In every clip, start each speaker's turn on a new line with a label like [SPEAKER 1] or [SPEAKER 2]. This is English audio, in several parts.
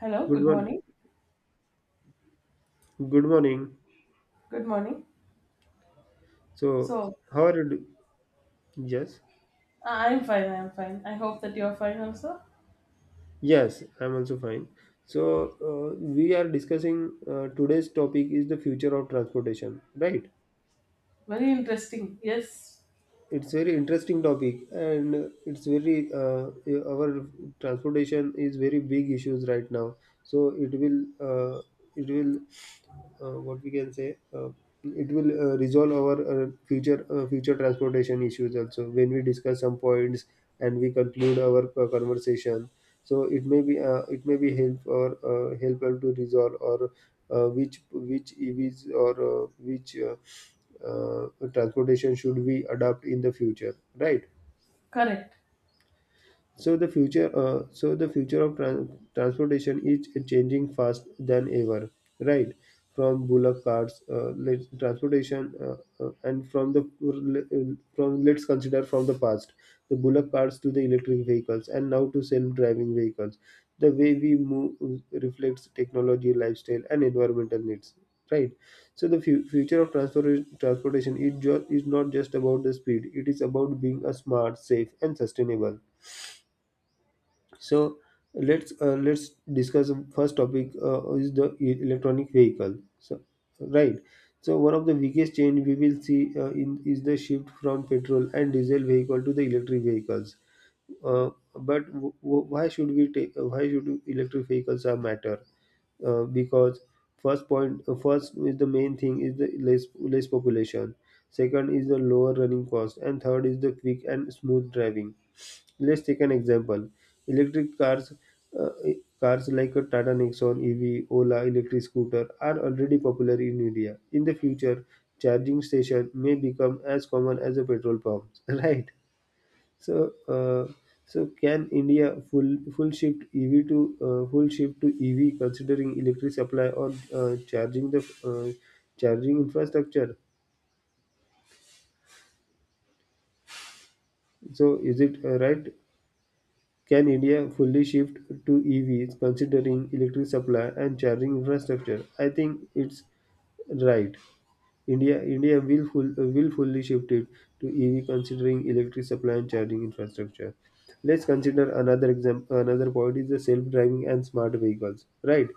[SPEAKER 1] Hello,
[SPEAKER 2] Good
[SPEAKER 1] good
[SPEAKER 2] one.
[SPEAKER 1] morning.
[SPEAKER 2] Good morning.
[SPEAKER 1] Good morning.
[SPEAKER 2] So,
[SPEAKER 1] So,
[SPEAKER 2] how are you? Yes.
[SPEAKER 1] I'm fine, I'm fine. I hope that you're fine also.
[SPEAKER 2] Yes, I'm also fine. So, we are discussing today's topic is the future of transportation, right?
[SPEAKER 1] Very interesting. Yes,
[SPEAKER 2] It's very interesting topic and it's very our transportation is very big issues right now, so it will what we can say it will resolve our future transportation issues also when we discuss some points and we conclude our conversation. So it may be help or helpful to resolve or which evs or which uh, transportation should we adopt in the future, right?
[SPEAKER 1] correct.
[SPEAKER 2] So the future, so the future of transportation is changing fast than ever, right? From bullock carts, let transportation, and from the from let's consider from the past, the bullock carts to the electric vehicles, and now to self-driving vehicles. The way we move reflects technology, lifestyle, and environmental needs, right? So the future of transportation is, is not just about the speed; it is about being a smart, safe, and sustainable. So let's discuss the first topic, is the electronic vehicle. So right, so one of the biggest change we will see in is the shift from petrol and diesel vehicle to the electric vehicles. But why should we take? Why should electric vehicles are matter? Because first point, first is the main thing is the less population. Second is the lower running cost, and third is the quick and smooth driving. Let's take an example. Electric cars, uh, cars like a Tata Nexon EV, Ola electric scooter are already popular in India. In the future, charging station may become as common as a petrol pumps. Right? So, so can India full shift EV to full shift to EV considering electric supply or uh, charging the uh, charging infrastructure? So, is it right? Can India fully shift to EVs considering electric supply and charging infrastructure? I think it's right. India willfully shifted to EV considering electric supply and charging infrastructure. Let's consider another example. Another point is the self-driving and smart vehicles, right?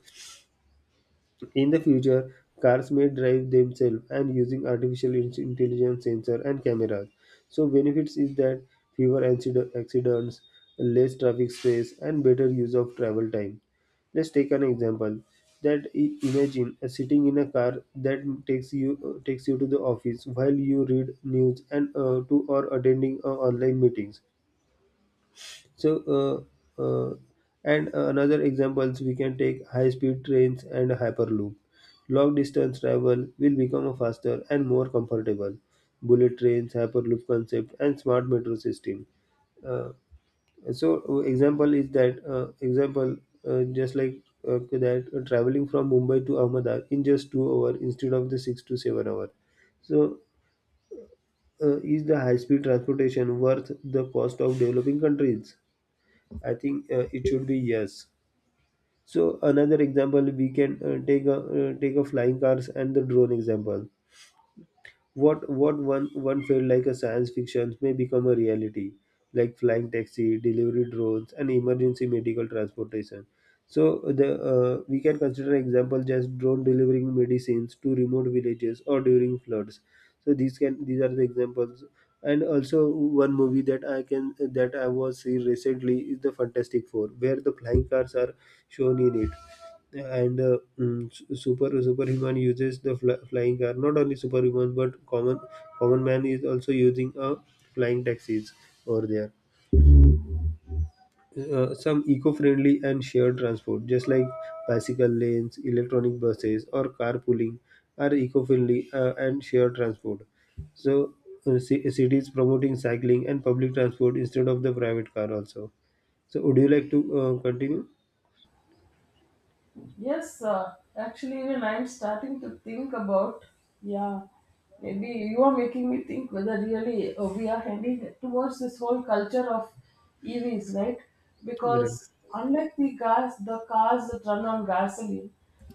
[SPEAKER 2] In the future, cars may drive themselves and using artificial intelligence sensor and cameras. So benefits is that fewer accidents, less traffic stress, and better use of travel time. Let's take an example. That imagine sitting in a car that takes you to the office while you read news and to or attending online meetings. So, uh, uh, and another examples we can take high-speed trains and hyperloop. Long-distance travel will become faster and more comfortable. Bullet trains, hyperloop concept, and smart metro system. Uh, Example is that example just like that traveling from Mumbai to Ahmedabad in just 2 hours instead of the 6 to 7 hour. So, is the high-speed transportation worth the cost of developing countries? I think it should be yes. So another example we can take a flying cars and the drone example. What one felt like a science fiction may become a reality, like flying taxi, delivery drones, and emergency medical transportation. So the, we can consider example just drone delivering medicines to remote villages or during floods. So these are the examples. And also one movie that I can that I was seeing recently is the Fantastic Four, where the flying cars are shown in it. And superhuman uses the flying car, not only superhumans but common man is also using a flying taxis over there. Some eco-friendly and shared transport, just like bicycle lanes, electronic buses, or carpooling, are eco-friendly and shared transport. So cities promoting cycling and public transport instead of the private car also. So would you like to continue?
[SPEAKER 1] Yes, actually, even I'm starting to think about. Yeah, maybe you are making me think whether really we are heading towards this whole culture of EVs, right?
[SPEAKER 2] Right.
[SPEAKER 1] Because unlike the gas, the cars that run on gasoline,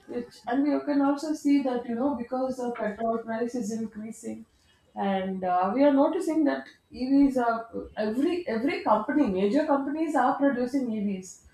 [SPEAKER 1] which and we can also see that you know because the petrol price is increasing, and we are noticing that EVs are every company, major companies are producing EVs.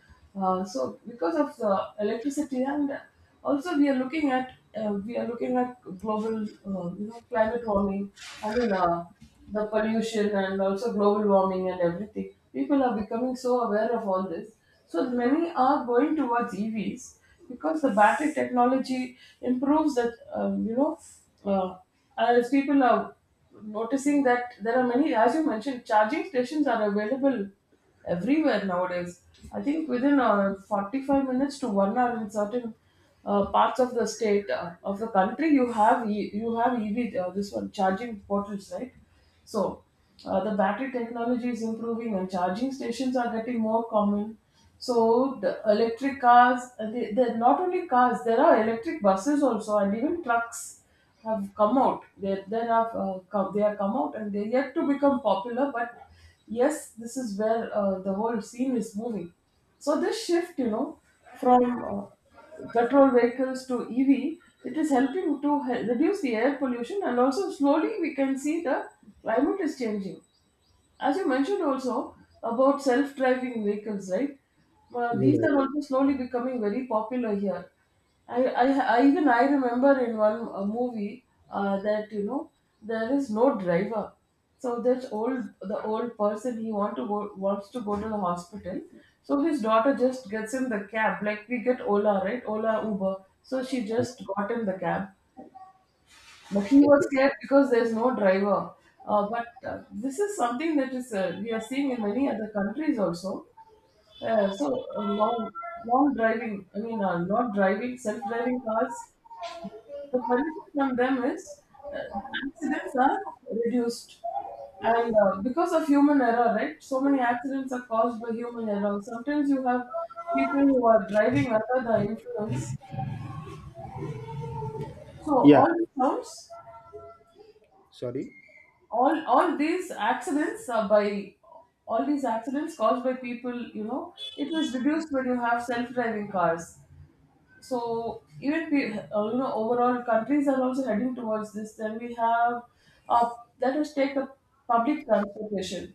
[SPEAKER 1] So because of the electricity and also we are looking at we are looking at global you know climate warming. I mean the pollution and also global warming and everything. People are becoming so aware of all this. So many are going towards EVs because the battery technology improves that you know uh, as people are noticing that there are many, as you mentioned, charging stations are available everywhere nowadays. I think within 45 minutes to 1 hour in certain parts of the state of the country, you have you have EV this one charging portals, right? So the battery technology is improving and charging stations are getting more common. So the electric cars, they're not only cars, there are electric buses also, and even trucks have come out. They have they have come out, and they're yet to become popular, but yes, this is where the whole scene is moving. So this shift, you know, from petrol vehicles to EV, it is helping to reduce the air pollution, and also slowly we can see the climate is changing, as you mentioned also, about self-driving vehicles, right? These
[SPEAKER 2] Right.
[SPEAKER 1] are also slowly becoming very popular here. I, I, I even I remember in one movie that you know there is no driver, so that old the old person he want to go wants to go to the hospital, so his daughter just gets in the cab, like we get Ola, right? Ola, Uber. So she just got in the cab, but he was
[SPEAKER 2] Okay.
[SPEAKER 1] scared because there's no driver. But This is something that is we are seeing in many other countries also. So long driving. I mean, not driving, self-driving cars. The benefit from them is uh, accidents are reduced, and because of human error, right? So many accidents are caused by human error. Sometimes you have people who are driving under the influence. So
[SPEAKER 2] Yeah,
[SPEAKER 1] all it sounds,
[SPEAKER 2] sorry.
[SPEAKER 1] all all these accidents are by all these accidents caused by people, you know, it was reduced when you have self-driving cars. So even you know, overall countries are also heading towards this. Then we have, uh, let us take the public transportation.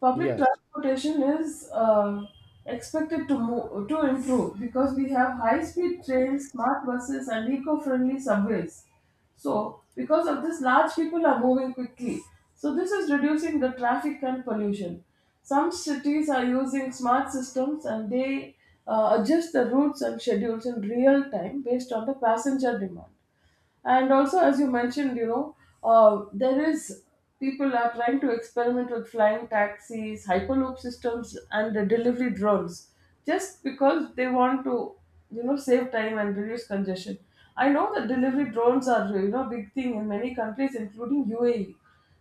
[SPEAKER 1] Public
[SPEAKER 2] Yes,
[SPEAKER 1] transportation is expected to improve because we have high-speed trains, smart buses, and eco-friendly subways. So, because of this, large people are moving quickly. So, this is reducing the traffic and pollution. Some cities are using smart systems and they adjust the routes and schedules in real time based on the passenger demand. And also, as you mentioned, you know, there is people are trying to experiment with flying taxis, hyperloop systems, and the delivery drones just because they want to, you know, save time and reduce congestion. I know that delivery drones are, you know, big thing in many countries including UAE.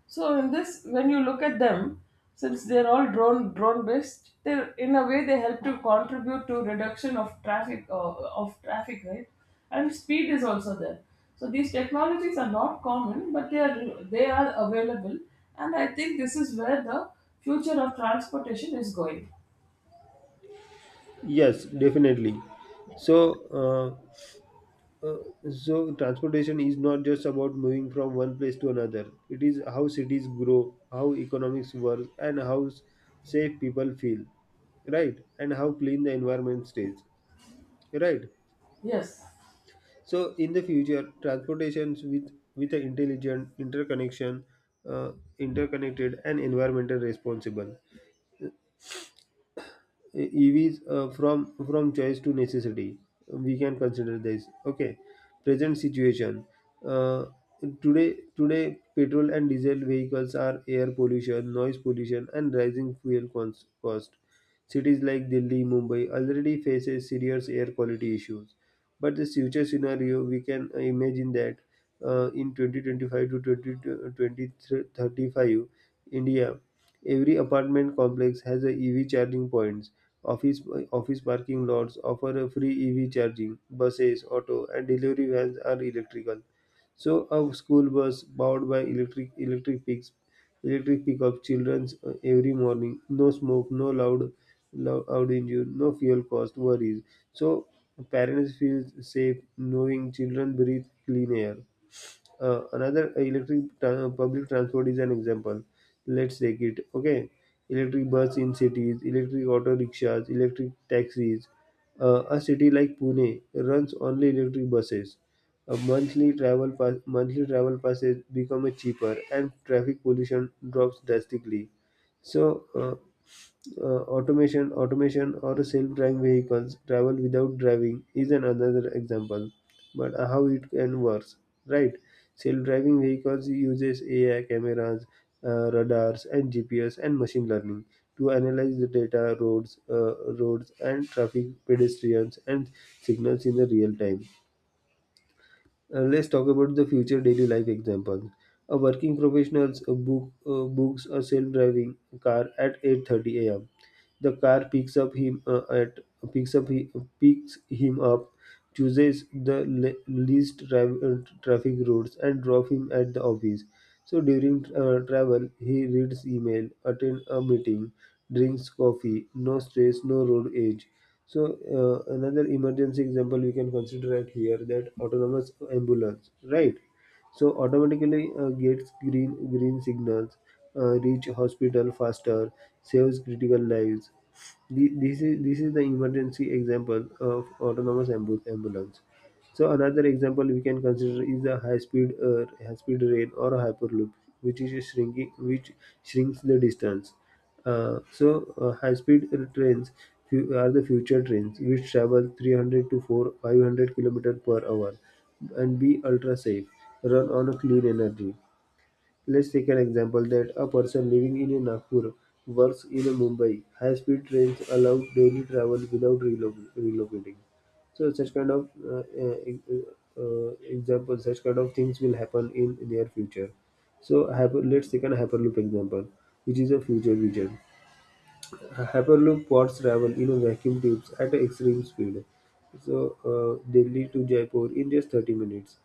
[SPEAKER 1] So in this, when you look at them, since they're all drone based, they're in a way, they help to contribute to reduction of traffic, right? And speed is also there. So these technologies are not common, but they are available, and I think this is where the future of transportation is going.
[SPEAKER 2] yes, definitely. So, uh, uh, transportation is not just about moving from one place to another. It is how cities grow, how economics work, and how safe people feel, right? And how clean the environment stays, right?
[SPEAKER 1] Yes,
[SPEAKER 2] So, in the future, transportations with an intelligent interconnection, uh, interconnected, and environmental responsible EVs from choice to necessity. We can consider this. Okay, present situation. Uh, today today petrol and diesel vehicles are air pollution, noise pollution, and rising fuel cost. Cities like Delhi, Mumbai already faces serious air quality issues. But this future scenario, we can imagine that in 2025 to twenty twenty thirty five, India, every apartment complex has a EV charging points. Office Office parking lots offer a free EV charging. Buses, auto, and delivery vans are electrical. So a school bus powered by electric pick up childrens every morning. No smoke, no loud engine, no fuel cost worries. So parents feel safe knowing children breathe clean air. Another public transport is an example. Let's take it. Okay, electric bus in cities, electric auto rickshaws, electric taxis. A city like Pune runs only electric buses. A monthly travel passes become cheaper, and traffic pollution drops drastically. So, automation or self-driving vehicles travel without driving is an another example. But how it can work, right? Self-driving vehicles uses AI cameras, radars, and GPS and machine learning to analyze the data, roads, roads and traffic, pedestrians, and signals in the real time. Let's talk about the future daily life examples. A working professionals books a self-driving car at 8:30 a.m. The car picks up he, picks him up, chooses the least traffic routes, and drop him at the office. So during travel, he reads email, attend a meeting, drinks coffee. No stress, no road age. So another emergency example we can consider at here that autonomous ambulance, right? So automatically gets green signals, reach hospital faster, saves critical lives. This is the emergency example of ambulance. So another example we can consider is the high speed rail or hyperloop, which is shrinking, which shrinks the distance. uh, so, High-speed trains are the future trains, which travel 300 to 4 500 kilometer per hour and be ultra safe, run on a clean energy. Let's take an example that a person living in a Nagpur works in a Mumbai. High-speed trains allow daily travel without relocating. So such kind of such kind of things will happen in near future. So let's take an hyperloop example, which is a future vision. Hyperloop pods travel in vacuum tubes at an extreme speed. So, Delhi to Jaipur in just 30 minutes.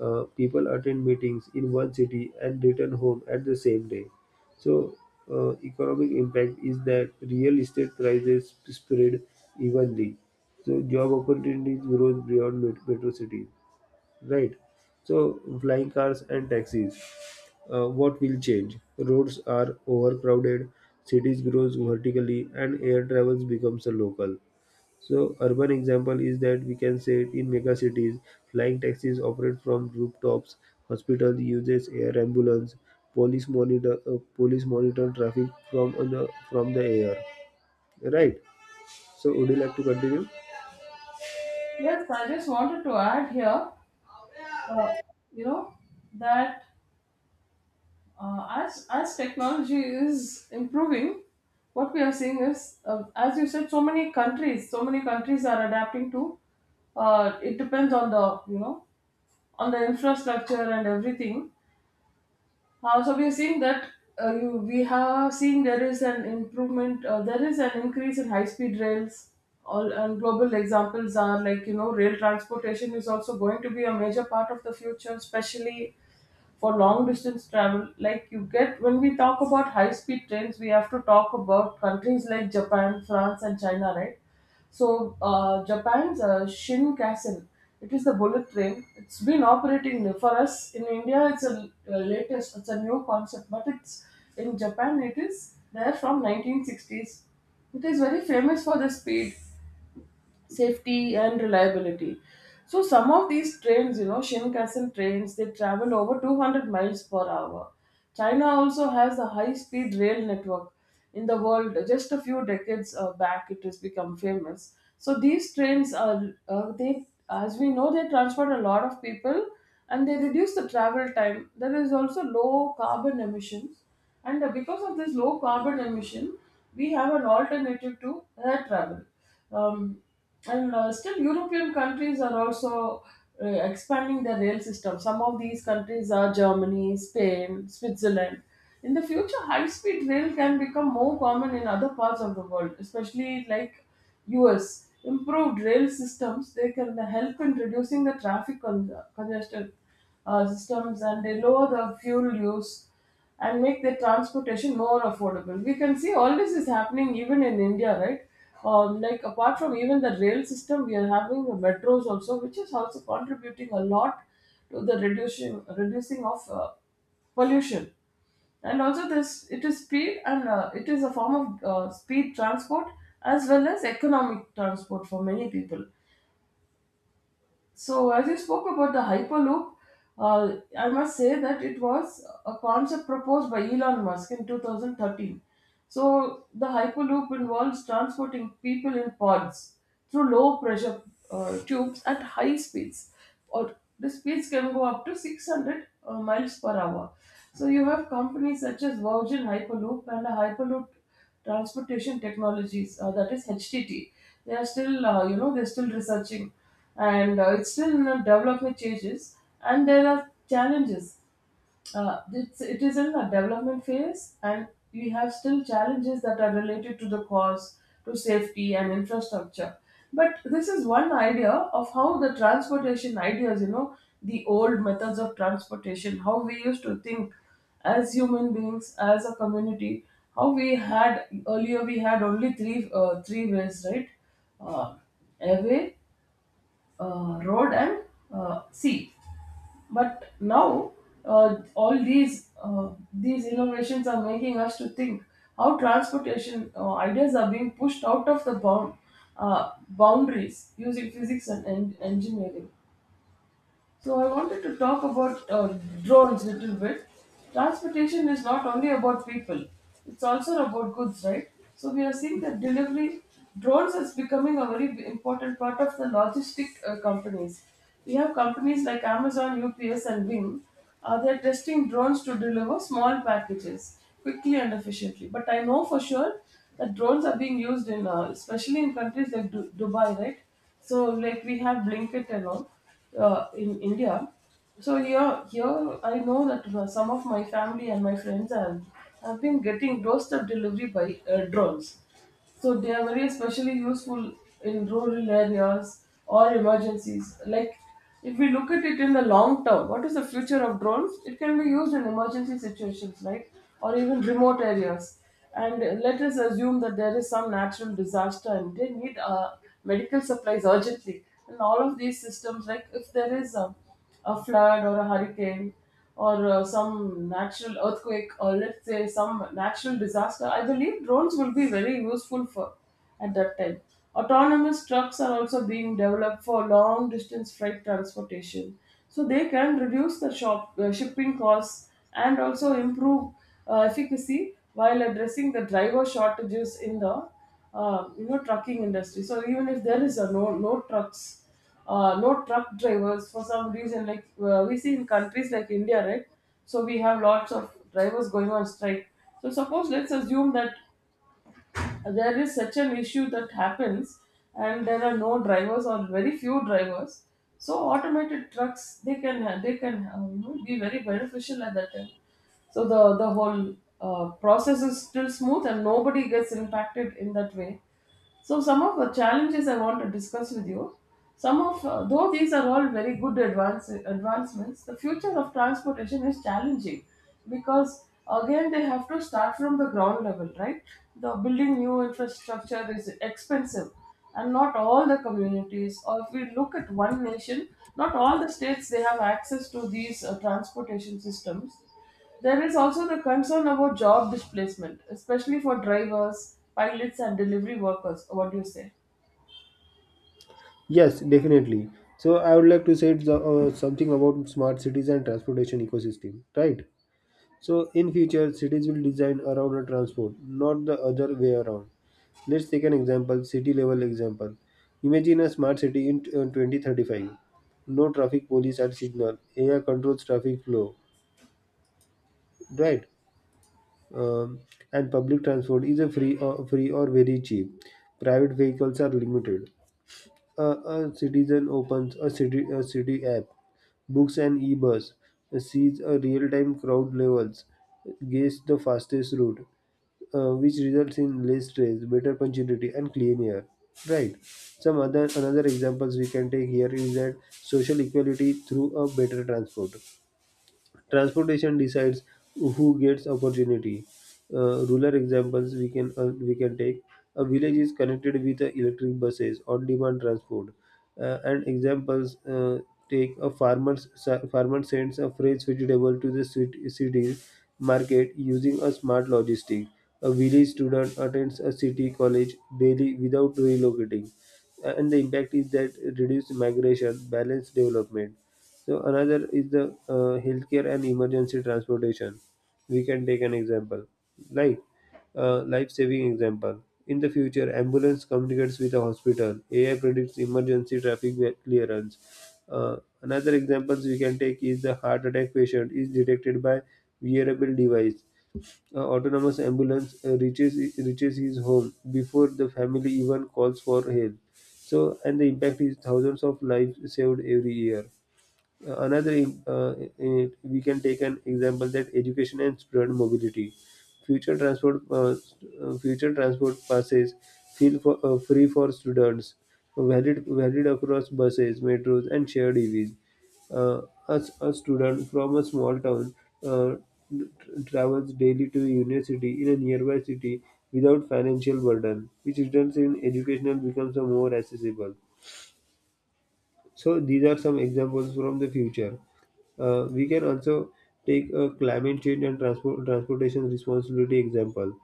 [SPEAKER 2] People attend meetings in one city and return home at the same day. So, economic impact is that real estate prices spread evenly. So, job opportunities grow beyond metro cities. Right. So, flying cars and taxis. What will change? Roads are overcrowded, cities grows vertically, and air travels becomes a local. So, urban example is that we can say it in mega cities, flying taxis operate from rooftops, hospitals uses air ambulance, police monitor traffic from on the from the air. Right. So, would you like to continue?
[SPEAKER 1] yes. I just wanted to add here, uh, you know, that as technology is improving, what we are seeing is, as you said, so many countries are adapting to. It depends on the, you know, on the infrastructure and everything. So we are seeing that we have seen there is an improvement. There is an increase in high speed rails. All, and global examples are, like, you know, rail transportation is also going to be a major part of the future, especially for long distance travel. Like you get, when we talk about high speed trains, we have to talk about countries like Japan, France, and China, right? So Japan's Shinkansen, it is the bullet train. It's been operating for us in India. It's a latest. It's a new concept, but it's in Japan. It is there from 1960s. It is very famous for the speed, safety, and reliability. So some of these trains, you know, Shinkansen trains, they travel over 200 miles per hour. China also has a high-speed rail network in the world. Just a few decades back, it has become famous. So these trains are, as we know, they transport a lot of people and they reduce the travel time. There is also low carbon emissions, and because of this low carbon emission, we have an alternative to air travel. Um, and still, European countries are also expanding their rail system. Some of these countries are Germany, Spain, Switzerland. In the future, high speed rail can become more common in other parts of the world, especially like US. Improved rail systems, they can help in reducing the traffic congestion systems, and they lower the fuel use and make the transportation more affordable. We can see all this is happening even in India, right? Like apart from even the rail system, we are having the metros also, which is also contributing a lot to the reducing of pollution. And also this, it is speed and it is a form of speed transport as well as economic transport for many people. So, as you spoke about the Hyperloop, I must say that it was a concept proposed by Elon Musk in 2013. So, the Hyperloop involves transporting people in pods through low pressure tubes at high speeds, or the speeds can go up to 600 miles per hour. So you have companies such as Virgin Hyperloop and Hyperloop Transportation Technologies, that is HTT. They are still, you know, they're still researching, and it's still in the development stages, and there are challenges. It is in a development phase and we have still challenges that are related to the cost, to safety and infrastructure. But this is one idea of how the transportation ideas, you know, the old methods of transportation, how we used to think as human beings, as a community, how we had earlier, we had only three ways, right? Uh, airway, road, and sea. But now all these innovations are making us to think how transportation ideas are being pushed out of the bound, boundaries using physics and engineering. So I wanted to talk about drones a little bit. Transportation is not only about people; it's also about goods, right? So we are seeing that delivery drones is becoming a very important part of the logistic companies. We have companies like Amazon, UPS, and Wing. They're testing drones to deliver small packages quickly and efficiently. But I know for sure that drones are being used in, especially in countries like Dubai, right? So like we have Blinkit and all in India. So here, here I know that some of my family and my have been getting doorstep delivery by drones. So they are very especially useful in rural areas or emergencies. Like, if we look at it in the long term, what is the future of drones? It can be used in emergency situations, right? Or even remote areas. And let us assume that there is some natural disaster and they need medical supplies urgently. And all of these systems, like if there is a flood or a hurricane or some natural earthquake, or let's say some natural disaster, I believe drones will be very useful for at that time. Autonomous trucks are also being developed for long distance freight transportation, so they can reduce the shop shipping costs and also improve efficacy while addressing the driver shortages in the you know trucking industry. So even if there is a no trucks no truck drivers for some reason like we see in countries like India, right? So we have lots of drivers going on strike. So suppose let's assume that there is such an issue that happens and there are no drivers or very few drivers. So automated trucks, they can be very beneficial at that time, so the whole process is still smooth and nobody gets impacted in that way. So, some of the challenges I want to discuss with you. Though these are all very good advancements, the future of transportation is challenging because again they have to start from the ground level, right? The building new infrastructure is expensive, and not all the communities, or if we look at one nation, not all the states they have access to these transportation systems. There is also the concern about job displacement, especially for drivers, pilots, and delivery workers. What do you say?
[SPEAKER 2] Yes, definitely. So, I would like to say it's, something about smart cities and transportation ecosystem. Right. So in future, cities will design around a transport, not the other way around. Let's take an example, city level example. Imagine a smart city in 2035. No traffic police at signal. AI controls traffic flow, right? Um, and public transport is a free, free or very cheap. Private vehicles are limited. A citizen opens a city app, books an e-bus, sees a real-time crowd levels, guess the fastest route, which results in less stress, better punctuality, and clean air. Right. Some other another examples we can take here is that social equality through a better transport. Transportation decides who gets opportunity. Rural examples we can we can take. A village is connected with electric buses, on-demand transport. And examples, take a farmer sends a fresh vegetable to the city market using a smart logistic. A village student attends a city college daily without relocating. And the impact is that reduced migration, balanced development. So another is the healthcare and emergency transportation. We can take an example, like life-saving example. In the future, ambulance communicates with the hospital. AI predicts emergency traffic clearance. Another examples we can take is the heart attack patient is detected by wearable device. Autonomous ambulance reaches his home before the family even calls for help. So, and the impact is thousands of lives saved every year. Another In it, we can take an example that education and student mobility future transport uh, future transport passes feel for, free for students valid across buses, metros, and shared EVs, uh, as a student from a small town uh, travels daily to university in a nearby city without financial burden, which results in educational becomes a more accessible. So these are some examples from the future. We can also take a climate change and transport transportation responsibility example.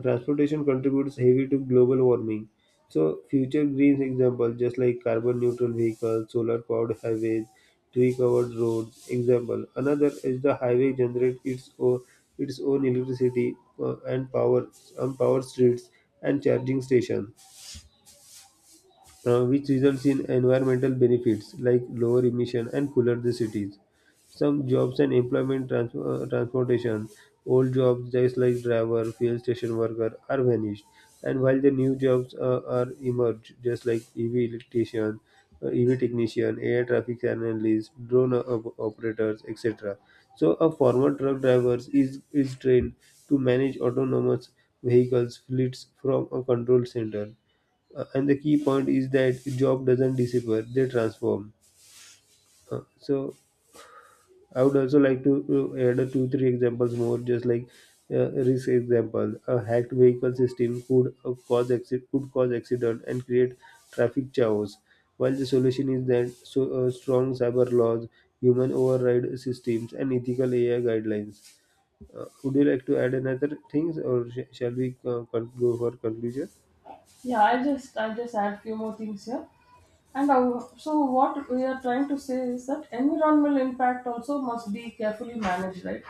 [SPEAKER 2] Transportation contributes heavy to global warming. So future green example just like carbon neutral vehicles, solar powered highways, tree covered roads. Example another is the highway generates its own electricity uh, and power and power streets and charging stations, which results in environmental benefits like lower emission and cooler the cities. Some jobs and employment transportation, old jobs just like driver, fuel station worker are vanished, and while the new jobs are emerged, just like EV electrician, EV technician, air traffic analyst, drone operators, etc. So a former truck driver is trained to manage autonomous vehicles fleets from a control center, and the key point is that job doesn't disappear; they transform. So I would also like to add a two three examples more, just like risk example. A hacked vehicle system could could cause accident and create traffic chaos. While the solution is that so strong cyber laws, human override systems, and ethical AI guidelines. Would you like to add another things, or shall we go for conclusion?
[SPEAKER 1] Yeah, I just add few more things here. And our, so what we are trying to say is that environmental impact also must be carefully managed, right?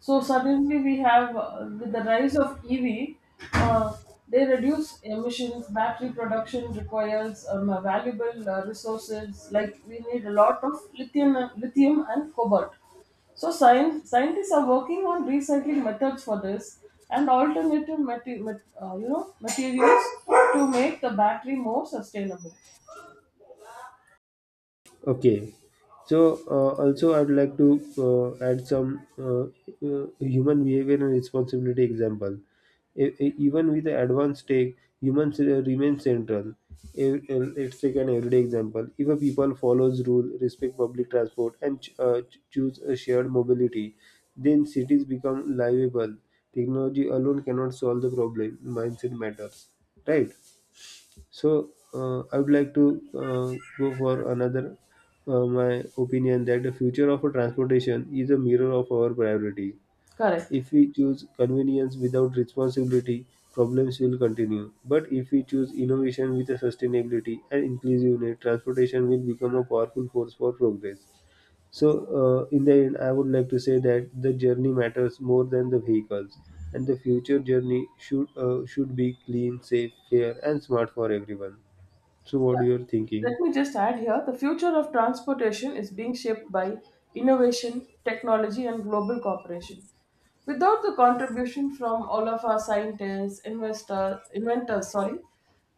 [SPEAKER 1] So suddenly we have with the rise of EV, uh, they reduce emissions. Battery production requires valuable resources, like we need a lot of lithium, lithium, and cobalt. So science scientists are working on recycling methods for this and alternative materials to make the battery more sustainable.
[SPEAKER 2] Okay. So also I'd like to add some human behavior and responsibility example. Even with the advanced tech, humans remain central. Let's take an everyday example. If a people follows rule, respect public transport, and choose a shared mobility, then cities become livable. Technology alone cannot solve the problem. Mindset matters, right? So I would like to go for another my opinion that the future of a transportation is a mirror of our priority.
[SPEAKER 1] Correct.
[SPEAKER 2] If we choose convenience without responsibility, problems will continue. But if we choose innovation with a sustainability and inclusiveness, transportation will become a powerful force for progress. So, in the end, I would like to say that the journey matters more than the vehicles, and the future journey should be clean, safe, fair, and smart for everyone. So what
[SPEAKER 1] Yeah.
[SPEAKER 2] you are thinking?
[SPEAKER 1] Let me just add here, the future of transportation is being shaped by innovation, technology, and global cooperation. Without the contribution from all of our scientists, investors, inventors, sorry,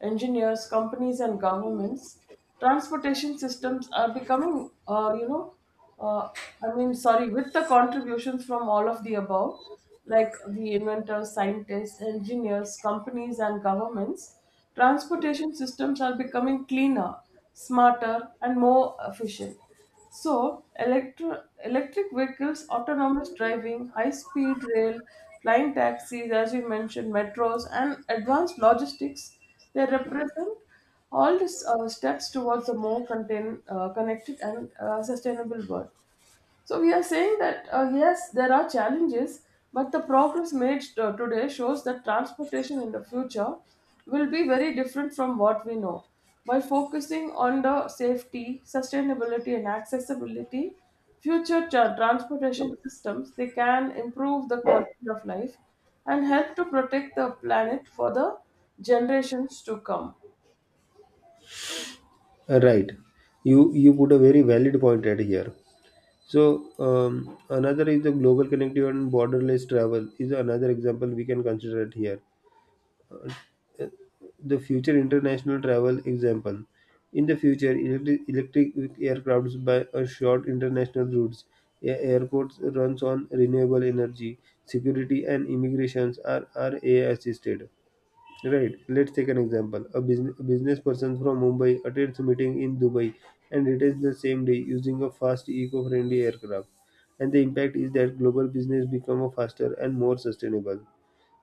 [SPEAKER 1] engineers, companies, and governments, transportation systems are becoming, uh, I mean, sorry, with the contributions from all of the above, like the inventors, scientists, engineers, companies, and governments, transportation systems are becoming cleaner, smarter, and more efficient. So, electric vehicles, autonomous driving, high speed rail, flying taxis, as you mentioned, metros, and advanced logistics, they represent all these steps towards a more connected and sustainable world. So we are saying that yes, there are challenges, but the progress made today shows that transportation in the future will be very different from what we know. By focusing on the safety, sustainability, and accessibility, future transportation systems they can improve the quality of life and help to protect the planet for the generations to come.
[SPEAKER 2] Right. You put a very valid point right here. So another is the global connectivity and borderless travel is another example we can consider it here. The future international travel example. In the future, electric aircrafts by a short international routes. Airports runs on renewable energy. Security and immigrations are assisted. Right. Let's take an example. A business person from Mumbai attends a meeting in Dubai and returns the same day using a fast, eco-friendly aircraft. And the impact is that global business become faster and more sustainable.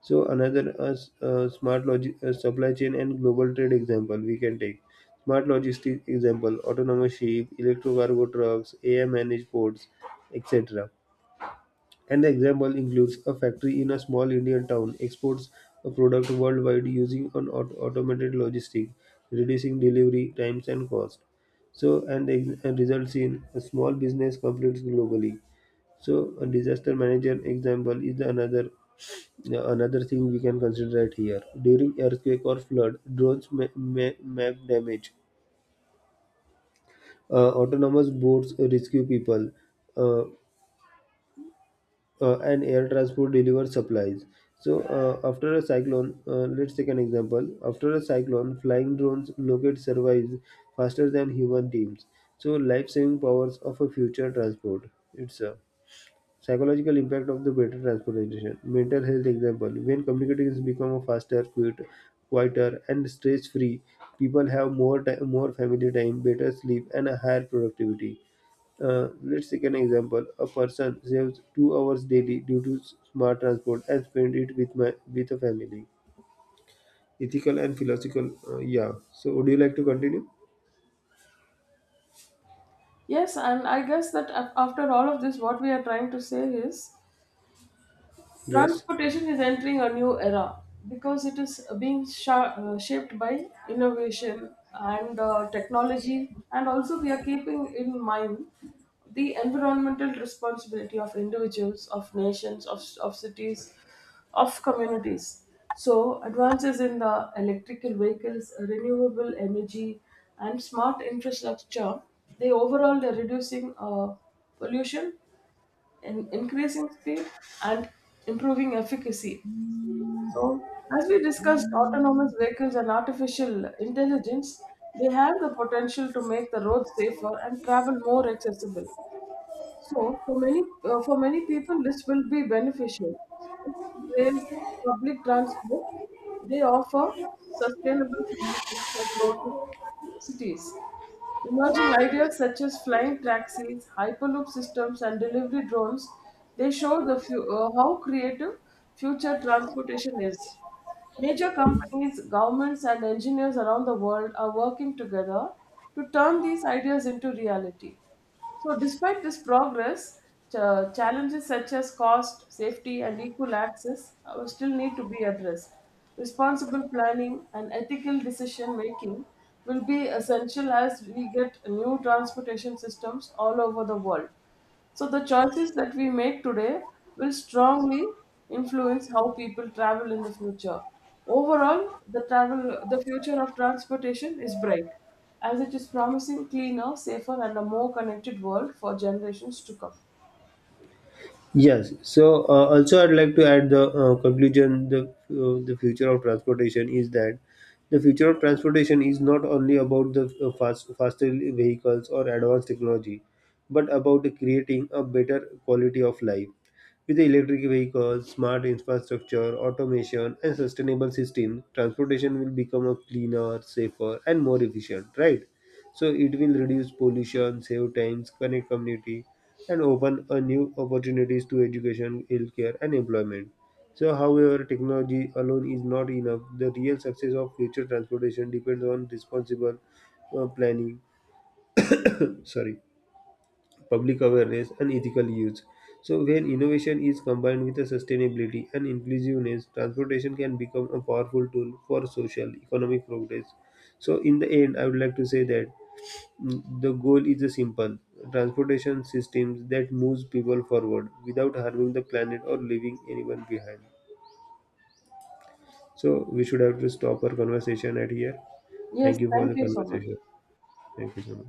[SPEAKER 2] So another smart supply chain and global trade example we can take. Smart logistic example: autonomous ship, electro cargo trucks, AI managed ports, etc. An example includes a factory in a small Indian town exports a product worldwide using an automated logistic, reducing delivery times and cost. So, and results in a small business completes globally. So, a disaster manager example is another, yeah, another thing we can consider right here. During earthquake or flood, drones map damage. Autonomous boats rescue people. Uh, and air transport delivers supplies. So, after a cyclone, let's take an example. After a cyclone, flying drones locate survives faster than human teams. So, life saving powers of a future transport. It's a psychological impact of the better transportation. Mental health example. When communications become faster, quieter, and stress free, people have more time, more family time, better sleep, and a higher productivity. Let's take an example. A person saves 2 hours daily due to smart transport and spend it with a family. Ethical and philosophical. Yeah. So, would you like to continue?
[SPEAKER 1] Yes, and I guess that after all of this, what we are trying to say is
[SPEAKER 2] Yes.
[SPEAKER 1] transportation is entering a new era because it is being shaped by innovation and technology, and also we are keeping in mind the environmental responsibility of individuals, of nations, of cities, of communities. So, advances in the electrical vehicles, renewable energy, and smart infrastructure, they overall are reducing pollution, in increasing speed, and improving efficacy. So, as we discussed, autonomous vehicles and artificial intelligence, they have the potential to make the roads safer and travel more accessible. So for many for many people, this will be beneficial. Rails, public transport, they offer sustainable solutions for growing cities. Emerging ideas such as flying taxis, hyperloop systems, and delivery drones, they show how creative future transportation is. Major companies, governments, and engineers around the world are working together to turn these ideas into reality. So, despite this progress, challenges such as cost, safety, and equal access still need to be addressed. Responsible planning and ethical decision making will be essential as we get new transportation systems all over the world. So the choices that we make today will strongly influence how people travel in the future. Overall, the travel the future of transportation is bright, as it is promising cleaner, safer, and a more connected world for generations to come.
[SPEAKER 2] Yes. So also, I'd like to add the conclusion. The future of transportation is that the future of transportation is not only about the faster vehicles or advanced technology, but about creating a better quality of life with the electric vehicles, smart infrastructure, automation, and sustainable system. Transportation will become a cleaner, safer, and more efficient. Right. So it will reduce pollution, save times, connect community, and open a new opportunities to education, healthcare, and employment. So, however, technology alone is not enough. The real success of future transportation depends on responsible planning, sorry, public awareness, and ethical use. So, when innovation is combined with the sustainability and inclusiveness, transportation can become a powerful tool for social, economic progress. So, in the end, I would like to say that the goal is a simple transportation systems that moves people forward without harming the planet or leaving anyone behind. So we should have to stop our conversation at here.
[SPEAKER 1] Yes,
[SPEAKER 2] Thank you for
[SPEAKER 1] thank
[SPEAKER 2] the
[SPEAKER 1] you so much.
[SPEAKER 2] conversation. Thank you so much.